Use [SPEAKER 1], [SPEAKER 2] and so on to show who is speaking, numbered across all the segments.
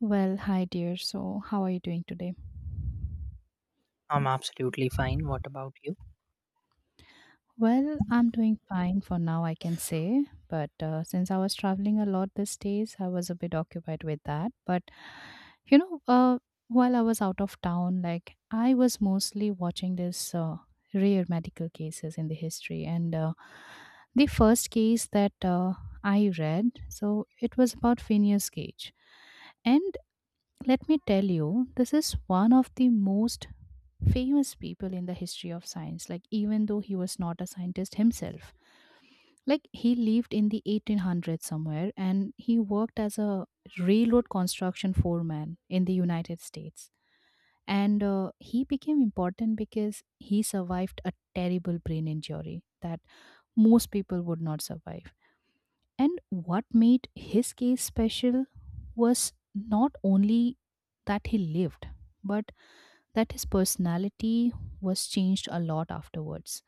[SPEAKER 1] Well, hi dear. So, how are you doing today?
[SPEAKER 2] I'm absolutely fine. What about you?
[SPEAKER 1] Well, I'm doing fine for now, I can say. But since I was traveling a lot these days, I was a bit occupied with that. But you know, uh, while I was out of town, like I was mostly watching this rare medical cases in the history, and the first case that I read, so it was about Phineas Gage, and let me tell you, this is one of the most famous people in the history of science, like even though he was not a scientist himself. Like he lived in the 1800s somewhere and he worked as a railroad construction foreman in the United States, and he became important because he survived a terrible brain injury that most people would not survive. And what made his case special was not only that he lived, but that his personality was changed a lot afterwards.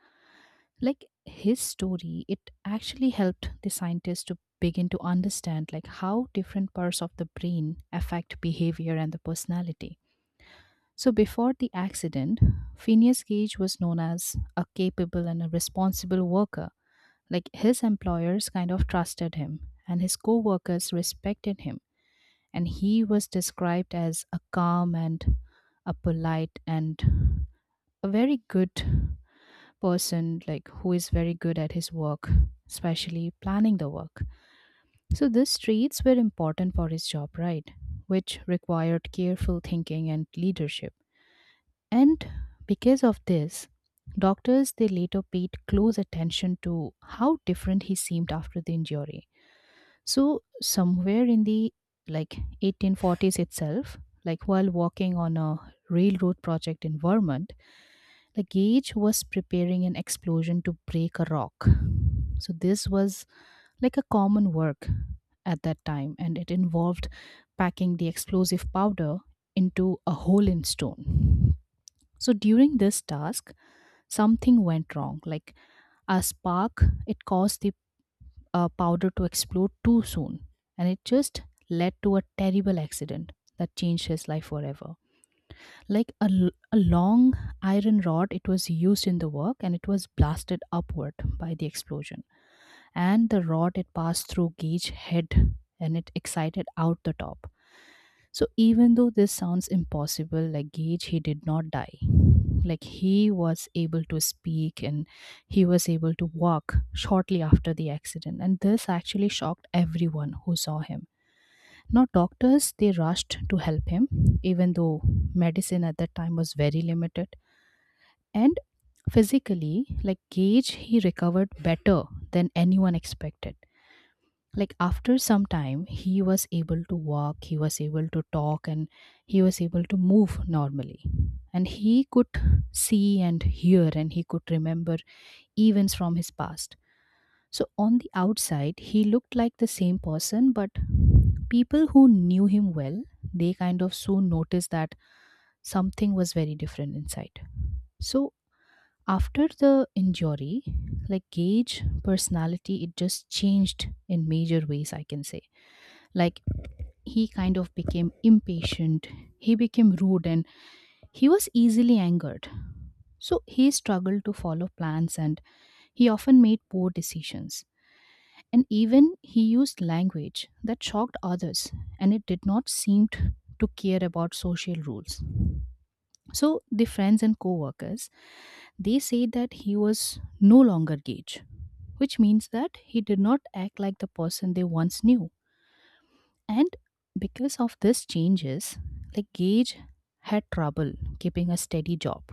[SPEAKER 1] Like his story, it actually helped the scientists to begin to understand like how different parts of the brain affect behavior and the personality. So before the accident, Phineas Gage was known as a capable and a responsible worker. Like his employers kind of trusted him and his co-workers respected him, and he was described as a calm and a polite and a very good person, like who is very good at his work, especially planning the work. So these traits were important for his job, right, which required careful thinking and leadership. And because of this, doctors they later paid close attention to how different he seemed after the injury. So somewhere in the, like, 1840s itself, like while walking on a railroad project in Vermont, the gauge was preparing an explosion to break a rock. So, this was like a common work at that time, and it involved packing the explosive powder into a hole in stone. So, during this task, something went wrong. Like a spark, it caused the powder to explode too soon, and it just led to a terrible accident that changed his life forever. Like a long iron rod it was used in the work, and it was blasted upward by the explosion. And the rod it passed through Gage head and it excited out the top. So even though this sounds impossible, like Gage, he did not die. Like he was able to speak, and he was able to walk shortly after the accident, and this actually shocked everyone who saw him. Now, doctors they rushed to help him, even though medicine at that time was very limited. And physically, like Gage, he recovered better than anyone expected. Like after some time he was able to walk, he was able to talk, and he was able to move normally. And he could see and hear, and he could remember events from his past. So on the outside he looked like the same person, but people who knew him well, they kind of soon noticed that something was very different inside. So after the injury, like Gage personality, it just changed in major ways, I can say. Like he kind of became impatient, he became rude, and he was easily angered. So he struggled to follow plans, and he often made poor decisions, and even he used language that shocked others, and it did not to care about social rules. So the friends and co-workers, they say that he was no longer Gage, which means that he did not act like the person they once knew. And because of these changes, like Gage had trouble keeping a steady job.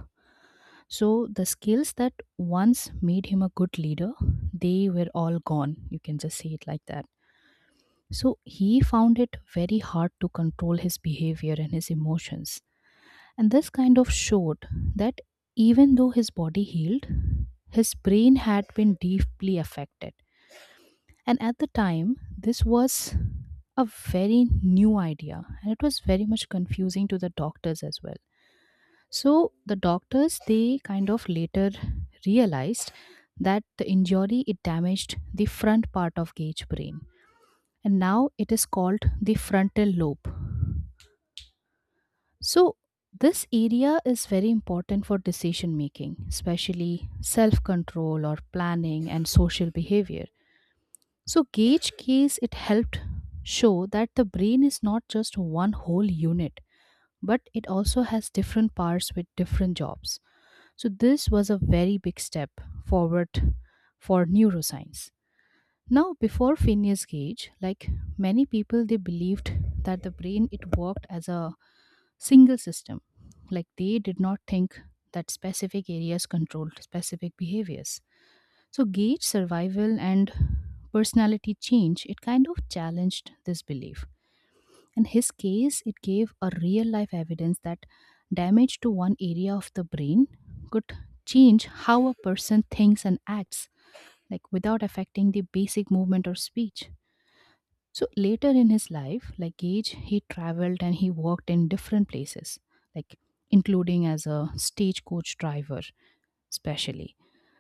[SPEAKER 1] So the skills that once made him a good leader, they were all gone. You can just say it like that. So he found it very hard to control his behavior and his emotions. And this kind of showed that even though his body healed, his brain had been deeply affected. And at the time, this was a very new idea, and it was very much confusing to the doctors as well. So the doctors they kind of later realized that the injury it damaged the front part of gauge brain, and now it is called the frontal lobe. So this area is very important for decision making, especially self control or planning and social behavior. So gauge case it helped show that the brain is not just one whole unit, but it also has different parts with different jobs. So this was a very big step forward for neuroscience. Now before Phineas Gage, like many people they believed that the brain it worked as a single system. Like they did not think that specific areas controlled specific behaviors. So, Gage survival and personality change, it kind of challenged this belief. In his case, it gave a real life evidence that damage to one area of the brain could change how a person thinks and acts, like without affecting the basic movement or speech. So, later in his life, like Gage, he traveled and he worked in different places, like including as a stagecoach driver especially.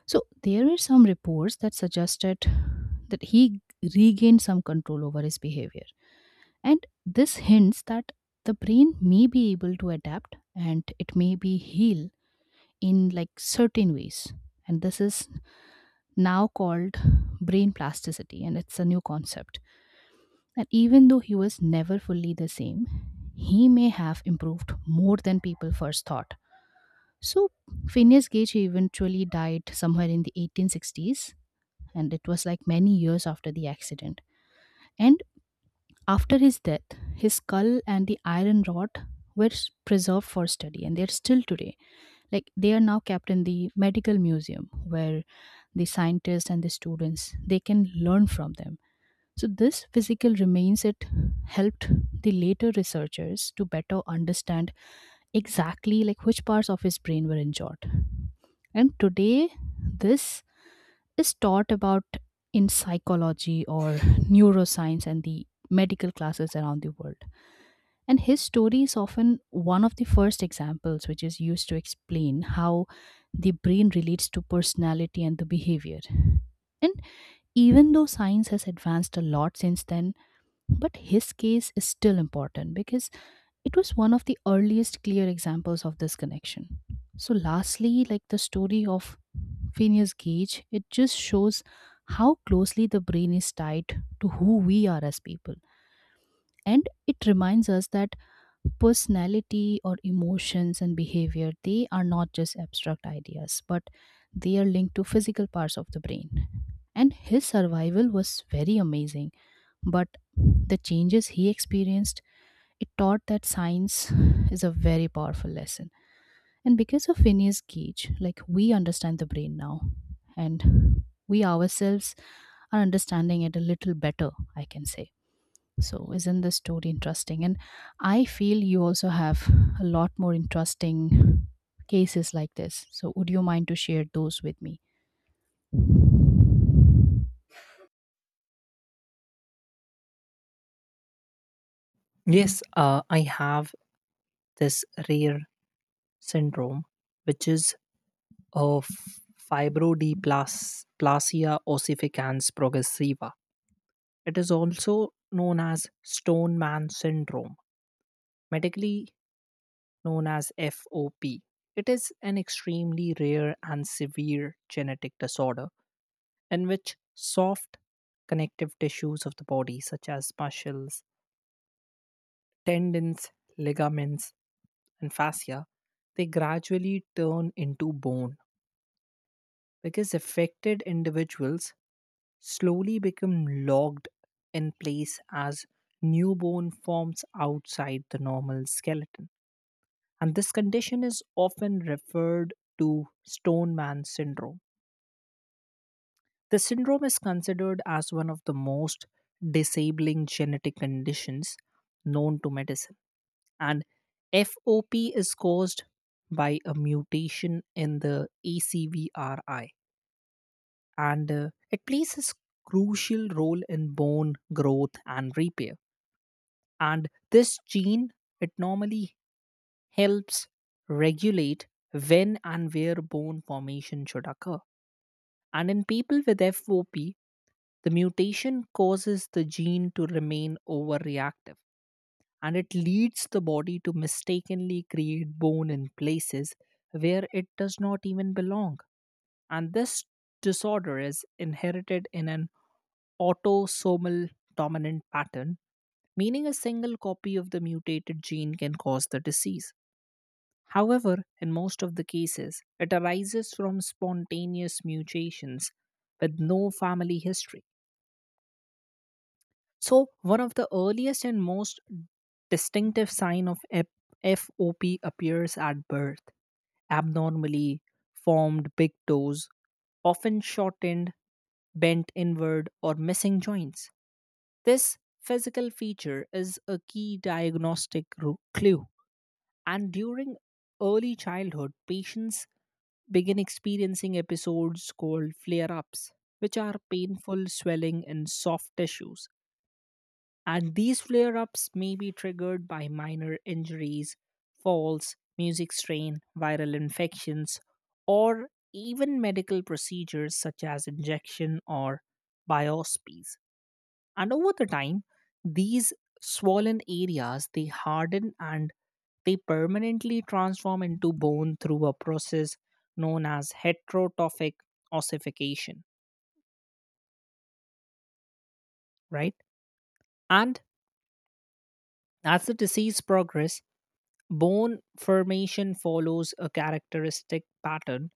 [SPEAKER 1] So there were some reports that suggested that he regained some control over his behavior. And this hints that the brain may be able to adapt and it may be heal in like certain ways. And this is now called brain plasticity, and it's a new concept. And even though he was never fully the same, he may have improved more than people first thought. So Phineas Gage eventually died somewhere in the 1860s, and it was like many years after the accident. And after his death, his skull and the iron rod were preserved for study, and they're still today. Like they are now kept in the medical museum where the scientists and the students they can learn from them. So this physical remains it helped the later researchers to better understand exactly like which parts of his brain were injured. And today this is taught about in psychology or neuroscience and the medical classes around the world. And his story is often one of the first examples which is used to explain how the brain relates to personality and the behavior. And even though science has advanced a lot since then, but his case is still important because it was one of the earliest clear examples of this connection. So, lastly, like the story of Phineas Gage, it just shows how closely the brain is tied to who we are as people. And it reminds us that personality or emotions and behavior, they are not just abstract ideas, but they are linked to physical parts of the brain. And his survival was very amazing, but the changes he experienced, it taught that science is a very powerful lesson. And because of Phineas Gage, like we understand the brain now, and we ourselves are understanding it a little better, I can say. So, isn't this story interesting? And I feel you also have a lot more interesting cases like this. So, would you mind to share those with me?
[SPEAKER 2] Yes, I have this rare syndrome, which is of fibrodysplasia ossificans progressiva. It is also known as Stoneman syndrome, medically known as FOP. It is an extremely rare and severe genetic disorder in which soft connective tissues of the body, such as muscles, tendons, ligaments, and fascia, they gradually turn into bone because affected individuals slowly become locked in place as new bone forms outside the normal skeleton. And this condition is often referred to Stoneman syndrome. The syndrome is considered as one of the most disabling genetic conditions known to medicine, and FOP is caused by a mutation in the ACVRI, and it plays a crucial role in bone growth and repair. And this gene it normally helps regulate when and where bone formation should occur. And in people with FOP, the mutation causes the gene to remain overreactive, and it leads the body to mistakenly create bone in places where it does not even belong. And this disorder is inherited in an autosomal dominant pattern, meaning a single copy of the mutated gene can cause the disease. However, in most of the cases, it arises from spontaneous mutations with no family history. So, one of the earliest and most distinctive sign of FOP appears at birth abnormally formed big toes, often shortened, bent inward, or missing joints. This physical feature is a key diagnostic clue, and during early childhood, patients begin experiencing episodes called flare ups, which are painful swelling in soft tissues. And these flare ups may be triggered by minor injuries, falls, music strain, viral infections, or even medical procedures such as injection or biopsies. And over the time, these swollen areas they harden and they permanently transform into bone through a process known as heterotrophic ossification, right? And as the disease progresses, bone formation follows a characteristic pattern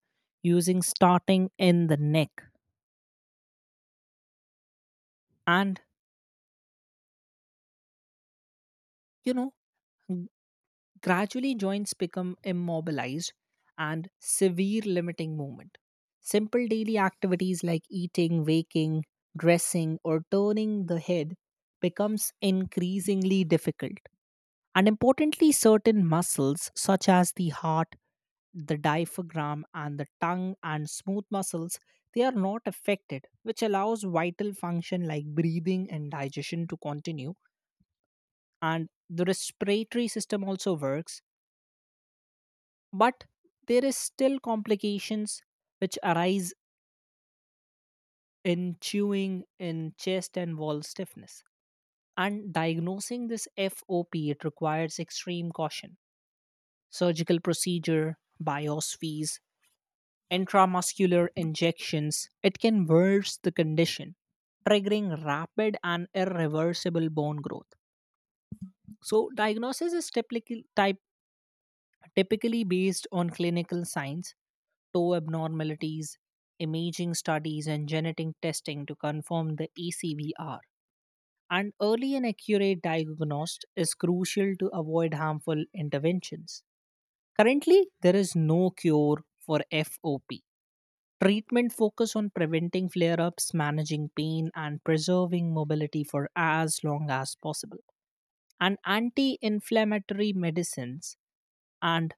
[SPEAKER 2] using starting in the neck. And, you know, g- gradually joints become immobilized and severe limiting movement. Simple daily activities like eating, waking, dressing, or turning the head becomes increasingly difficult. And importantly, certain muscles such as the heart, the diaphragm and the tongue and smooth muscles, they are not affected, which allows vital function like breathing and digestion to continue, and the respiratory system also works, but there is still complications which arise in chewing, in chest and wall stiffness. And diagnosing this FOP it requires extreme caution. Surgical procedure, biopsies, intramuscular injections, it can worse the condition, triggering rapid and irreversible bone growth. So, diagnosis is typically based on clinical signs, toe abnormalities, imaging studies, and genetic testing to confirm the ACVR. And early and accurate diagnosis is crucial to avoid harmful interventions. Currently, there is no cure for FOP. Treatment focus on preventing flare-ups, managing pain, and preserving mobility for as long as possible. And anti-inflammatory medicines and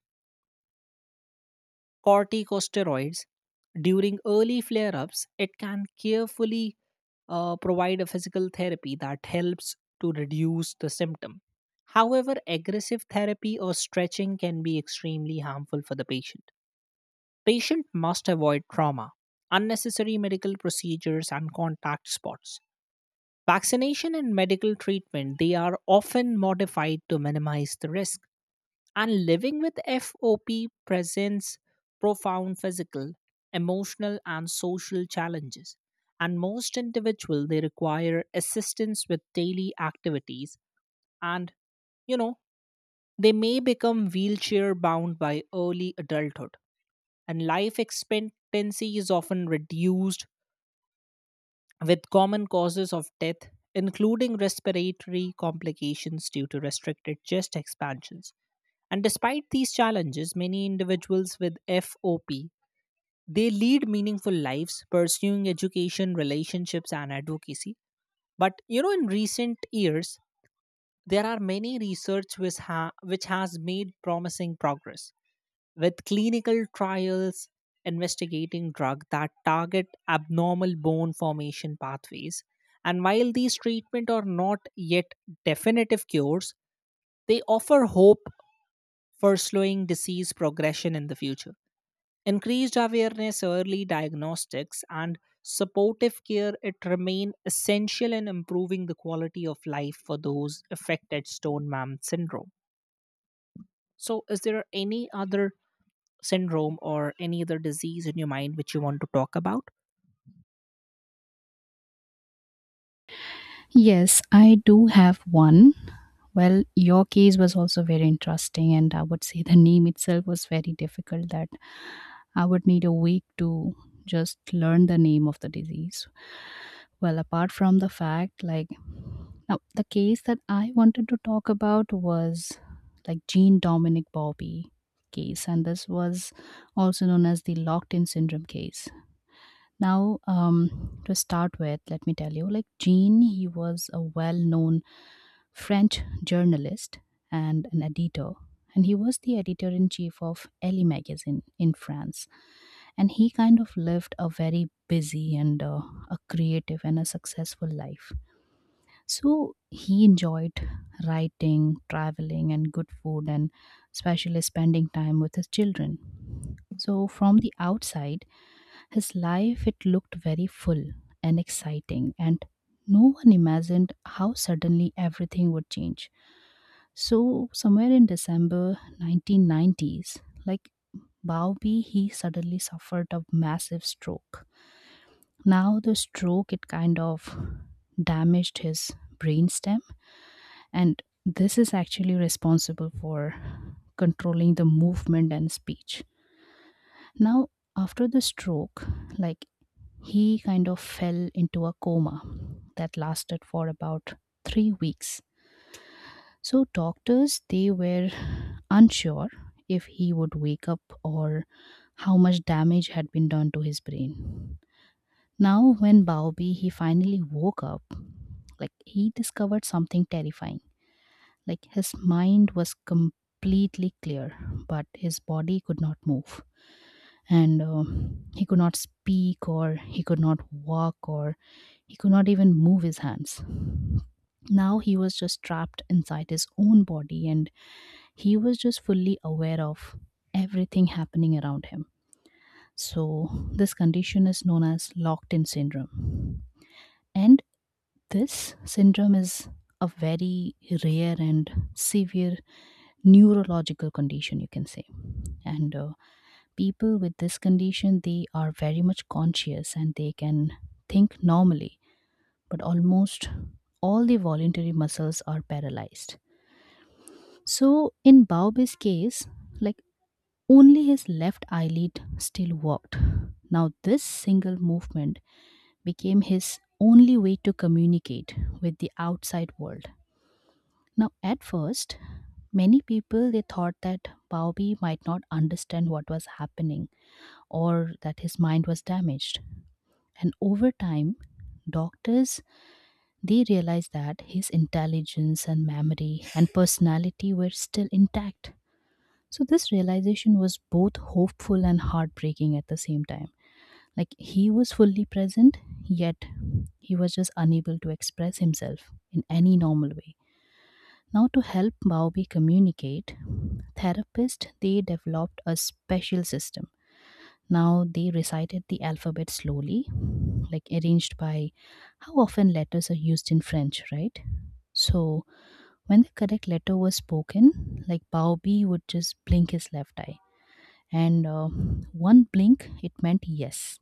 [SPEAKER 2] corticosteroids during early flare-ups, it can carefully provide a physical therapy that helps to reduce the symptom. However, aggressive therapy or stretching can be extremely harmful for the patient. Patient must avoid trauma, unnecessary medical procedures and contact spots. Vaccination and medical treatment they are often modified to minimize the risk, and living with FOP presents profound physical, emotional and social challenges, and most individuals they require assistance with daily activities, and you know they may become wheelchair bound by early adulthood, and life expectancy is often reduced with common causes of death, including respiratory complications due to restricted chest expansions. And despite these challenges, many individuals with FOP they lead meaningful lives pursuing education, relationships, and advocacy. But you know, in recent years, there are many research which has made promising progress with clinical trials investigating drugs that target abnormal bone formation pathways, and while these treatments are not yet definitive cures, they offer hope for slowing disease progression in the future. Increased awareness, early diagnostics and supportive care it remain essential in improving the quality of life for those affected stone mam syndrome. So is there any other syndrome or any other disease in your mind which you want to talk about?
[SPEAKER 1] Yes, I do have one. Well, your case was also very interesting, and I would say the name itself was very difficult. That I would need a week to just learn the name of the disease. Well, apart from the fact, like, now the case that I wanted to talk about was like Jean Dominic Bobby case, and this was also known as the locked in syndrome case. Now, to start with, let me tell you, like Jean, he was a well-known French journalist and an editor, and he was the editor-in-chief of Elle magazine in France. And he kind of lived a very busy and a creative and a successful life. So he enjoyed writing, traveling, and good food, and especially spending time with his children. So, from the outside, his life, it looked very full and exciting, and no one imagined how suddenly everything would change. So, somewhere in December 1990s, like Bowby, he suddenly suffered a massive stroke. Now, the stroke, it kind of damaged his brainstem, and this is actually responsible for controlling the movement and speech. Now, after the stroke, like he kind of fell into a coma that lasted for about 3 weeks. So doctors, they were unsure if he would wake up or how much damage had been done to his brain. Now when Baobi he finally woke up, he discovered something terrifying. His mind was completely clear, but his body could not move. And he could not speak or he could not walk or he could not even move his hands. Now he was just trapped inside his own body, and he was just fully aware of everything happening around him. So this condition is known as locked in syndrome, and this syndrome is a very rare and severe neurological condition, you can say. And people with this condition, they are very much conscious, and they can think normally, but almost all the voluntary muscles are paralyzed. So in Baobab's case, like only his left eyelid still worked. Now this single movement became his only way to communicate with the outside world. Now at first, many people they thought that Baobi might not understand what was happening, or that his mind was damaged. And over time, doctors they realized that his intelligence and memory and personality were still intact. So this realization was both hopeful and heartbreaking at the same time. He was fully present, yet he was just unable to express himself in any normal way. Now to help Maobi communicate, therapists they developed a special system. Now they recited the alphabet slowly, like arranged by how often letters are used in French, right? So when the correct letter was spoken, like Baobi would just blink his left eye, and one blink it meant yes.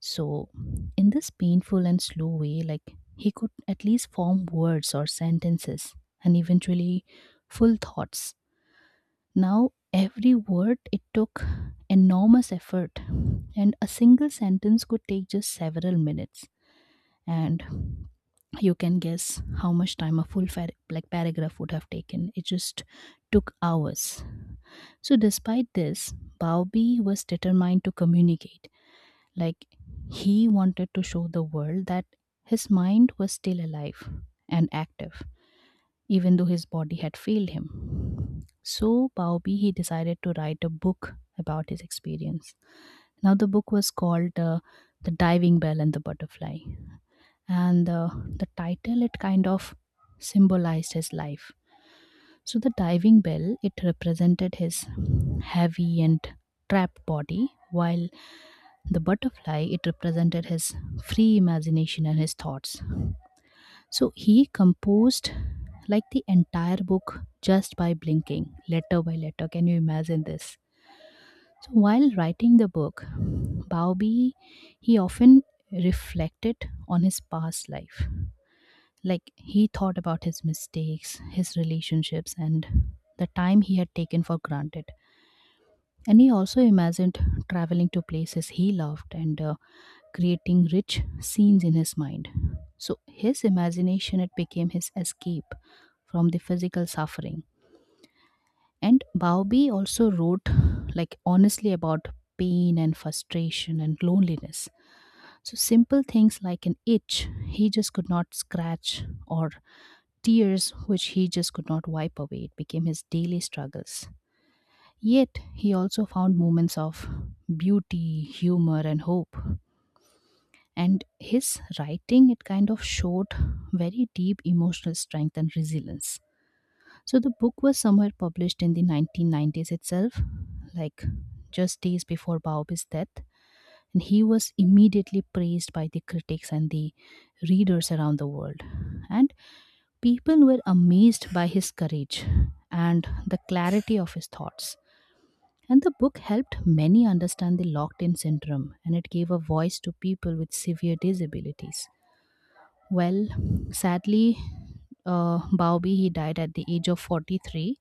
[SPEAKER 1] So in this painful and slow way, like he could at least form words or sentences, and eventually full thoughts. Now, every word it took enormous effort, and a single sentence could take just several minutes. And you can guess how much time a full paragraph would have taken. It just took hours. So, despite this, Baobi was determined to communicate. Like, he wanted to show the world that his mind was still alive and active even though his body had failed him. So, Baobi, he decided to write a book about his experience. Now, the book was called The Diving Bell and the Butterfly, and the title it kind of symbolized his life. So, the diving bell it represented his heavy and trapped body, while the butterfly it represented his free imagination and his thoughts. So he composed like the entire book just by blinking, letter by letter. Can you imagine this? So while writing the book, Bowby he often reflected on his past life. Like he thought about his mistakes, his relationships, and the time he had taken for granted. And he also imagined traveling to places he loved, and creating rich scenes in his mind. So his imagination it became his escape from the physical suffering. And Bowby also wrote like honestly about pain and frustration and loneliness. So simple things like an itch he just could not scratch, or tears which he just could not wipe away. It became his daily struggles. Yet, he also found moments of beauty, humor, and hope. And his writing, it kind of showed very deep emotional strength and resilience. So, the book was somewhere published in the 1990s itself, like just days before Baobab's death. And he was immediately praised by the critics and the readers around the world. And people were amazed by his courage and the clarity of his thoughts. And the book helped many understand the locked in syndrome, and it gave a voice to people with severe disabilities. Well, sadly, Baobi he died at the age of 43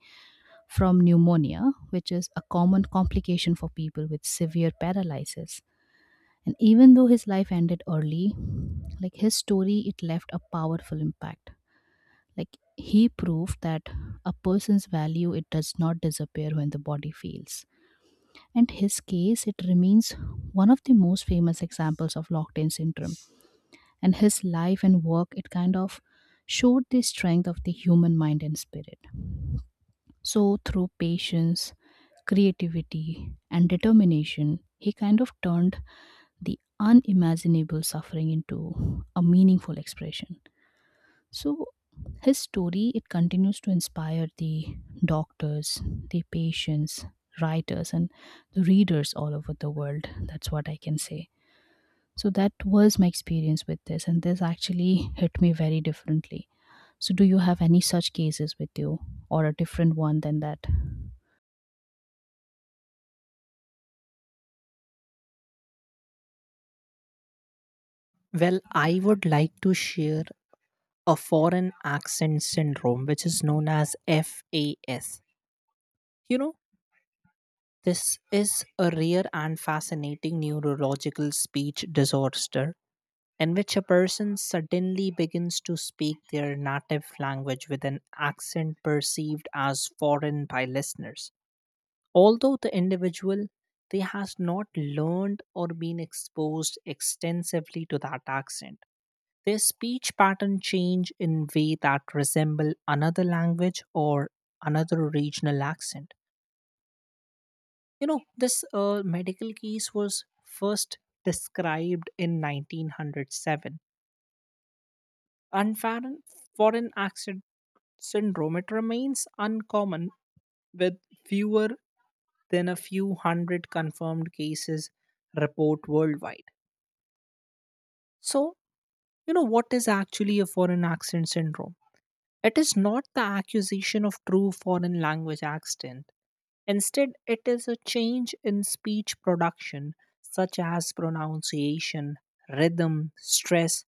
[SPEAKER 1] from pneumonia, which is a common complication for people with severe paralysis. And even though his life ended early, like his story, it left a powerful impact. Like he proved that a person's value it does not disappear when the body fails. And his case it remains one of the most famous examples of locked-in syndrome. And his life and work it kind of showed the strength of the human mind and spirit. So through patience, creativity, and determination, he kind of turned the unimaginable suffering into a meaningful expression. So his story it continues to inspire the doctors, the patients, writers, and the readers all over the world. That's what I can say. So that was my experience with this, and this actually hit me very differently. So do you have any such cases with you, or a different one than that?
[SPEAKER 2] Well, I would like to share a foreign accent syndrome, which is known as FAS. You know, this is a rare and fascinating neurological speech disorder in which a person suddenly begins to speak their native language with an accent perceived as foreign by listeners. Although the individual they has not learned or been exposed extensively to that accent. Their speech pattern change in way that resemble another language or another regional accent. You know, this medical case was first described in 1907. Unfair foreign accent syndrome, it remains uncommon with fewer than a few hundred confirmed cases report worldwide. So, you know, what is actually a foreign accent syndrome? It is not the accusation of true foreign language accent. Instead, it is a change in speech production, such as pronunciation, rhythm, stress,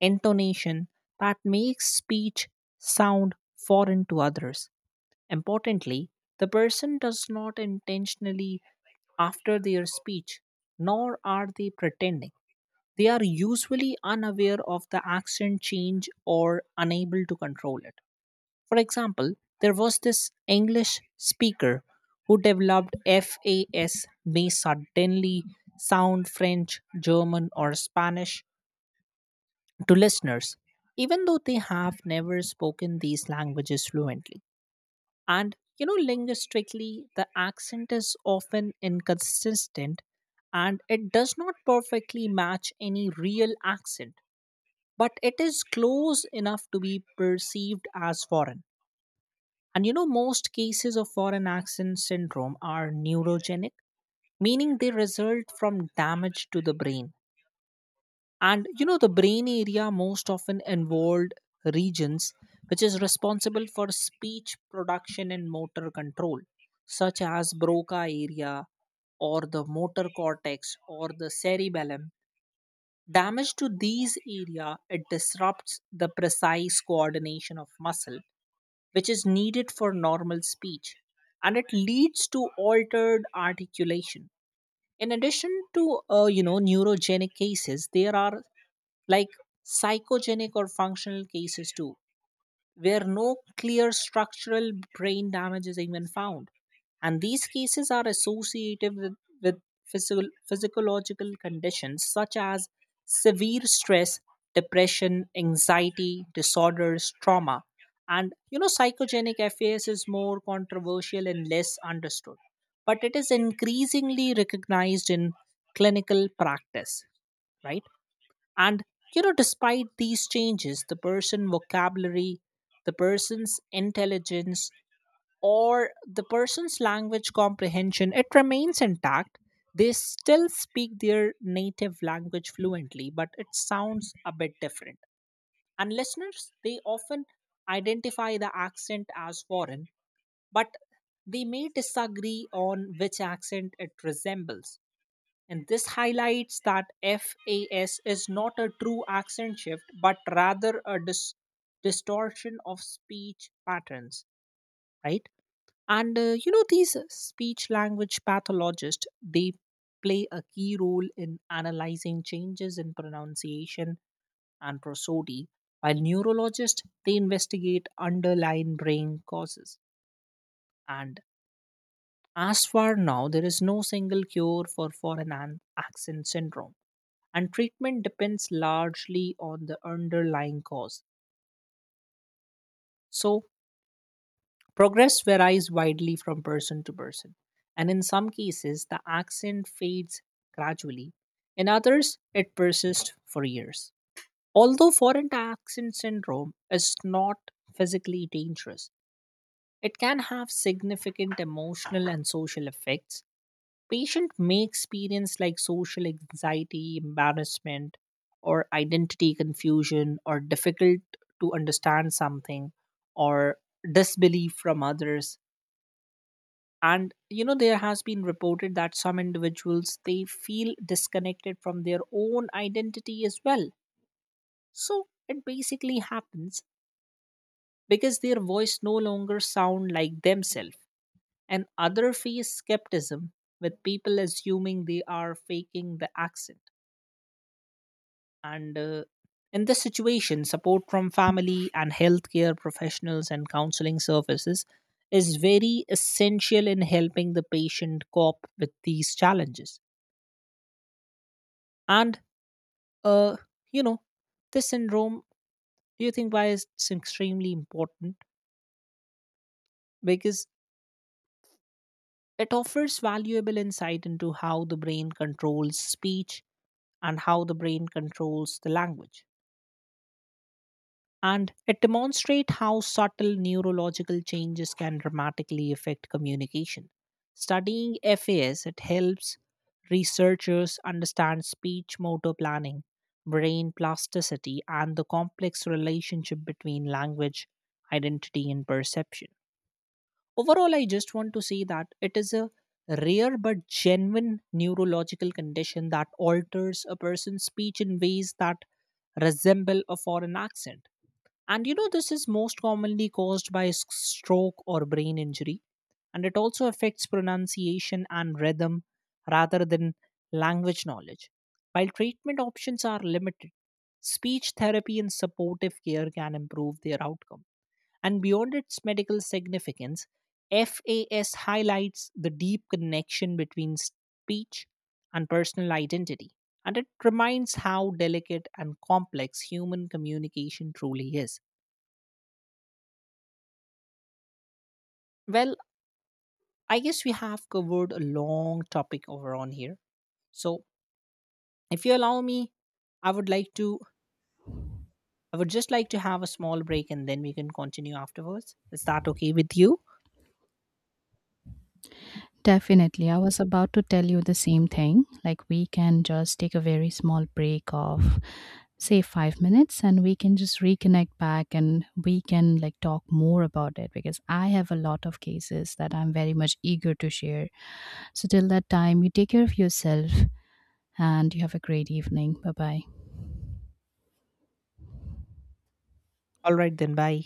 [SPEAKER 2] intonation, that makes speech sound foreign to others. Importantly, the person does not intentionally after their speech, nor are they pretending. They are usually unaware of the accent change or unable to control it. For example, there was this English speaker who developed FAS may suddenly sound French, German, or Spanish to listeners, even though they have never spoken these languages fluently. And you know, linguistically, the accent is often inconsistent and it does not perfectly match any real accent, but it is close enough to be perceived as foreign. And you know, most cases of foreign accent syndrome are neurogenic, meaning they result from damage to the brain, and you know the brain area most often involved regions which is responsible for speech production and motor control, such as broca area or the motor cortex or the cerebellum. Damage to these area it disrupts the precise coordination of muscle which is needed for normal speech, and it leads to altered articulation. In addition to you know neurogenic cases, there are like psychogenic or functional cases too, where no clear structural brain damage is even found. And these cases are associated with physiological conditions such as severe stress, depression, anxiety, disorders, trauma. And you know, psychogenic FAS is more controversial and less understood, but it is increasingly recognized in clinical practice, right? And you know, despite these changes, the person vocabulary, the person's intelligence, or the person's language comprehension, it remains intact. They still speak their native language fluently, but it sounds a bit different. And listeners, they often identify the accent as foreign, but they may disagree on which accent it resembles. And this highlights that FAS is not a true accent shift, but rather a distortion of speech patterns, right? And you know, these speech language pathologists, they play a key role in analyzing changes in pronunciation and prosody, while neurologists, they investigate underlying brain causes. And as far now, there is no single cure for foreign accent syndrome, and treatment depends largely on the underlying cause. So, progress varies widely from person to person, and in some cases, the accent fades gradually, in others, it persists for years. Although foreign accent syndrome is not physically dangerous, it can have significant emotional and social effects. Patient may experience like social anxiety, embarrassment, or identity confusion, or difficult to understand something, or disbelief from others. And you know, there has been reported that some individuals they feel disconnected from their own identity as well. So it basically happens because their voice no longer sound like themselves, and other face skepticism with people assuming they are faking the accent. And in this situation, support from family and healthcare professionals and counseling services is very essential in helping the patient cope with these challenges. And, uh, you know, this syndrome, do you think why is it's extremely important? Because it offers valuable insight into how the brain controls speech and how the brain controls the language, and it demonstrates how subtle neurological changes can dramatically affect communication. Studying FAS it helps researchers understand speech motor planning, brain plasticity, and the complex relationship between language, identity, and perception. Overall, I just want to say that it is a rare but genuine neurological condition that alters a person's speech in ways that resemble a foreign accent, and you know, this is most commonly caused by stroke or brain injury. And it also affects pronunciation and rhythm rather than language knowledge. While treatment options are limited, speech therapy and supportive care can improve their outcome. And beyond its medical significance, FAS highlights the deep connection between speech and personal identity. And it reminds how delicate and complex human communication truly is. Well, I guess we have covered a long topic over on here. So, if you allow me, I would like to I would just like to have a small break and then we can continue afterwards. Is that okay with you?
[SPEAKER 1] Definitely. I was about to tell you the same thing. Like, we can just take a very small break of, say, 5 minutes, and we can just reconnect back, and we can like talk more about it because I have a lot of cases that I'm very much eager to share. So, till that time, you take care of yourself and you have a great evening. Bye bye.
[SPEAKER 2] All right then, bye.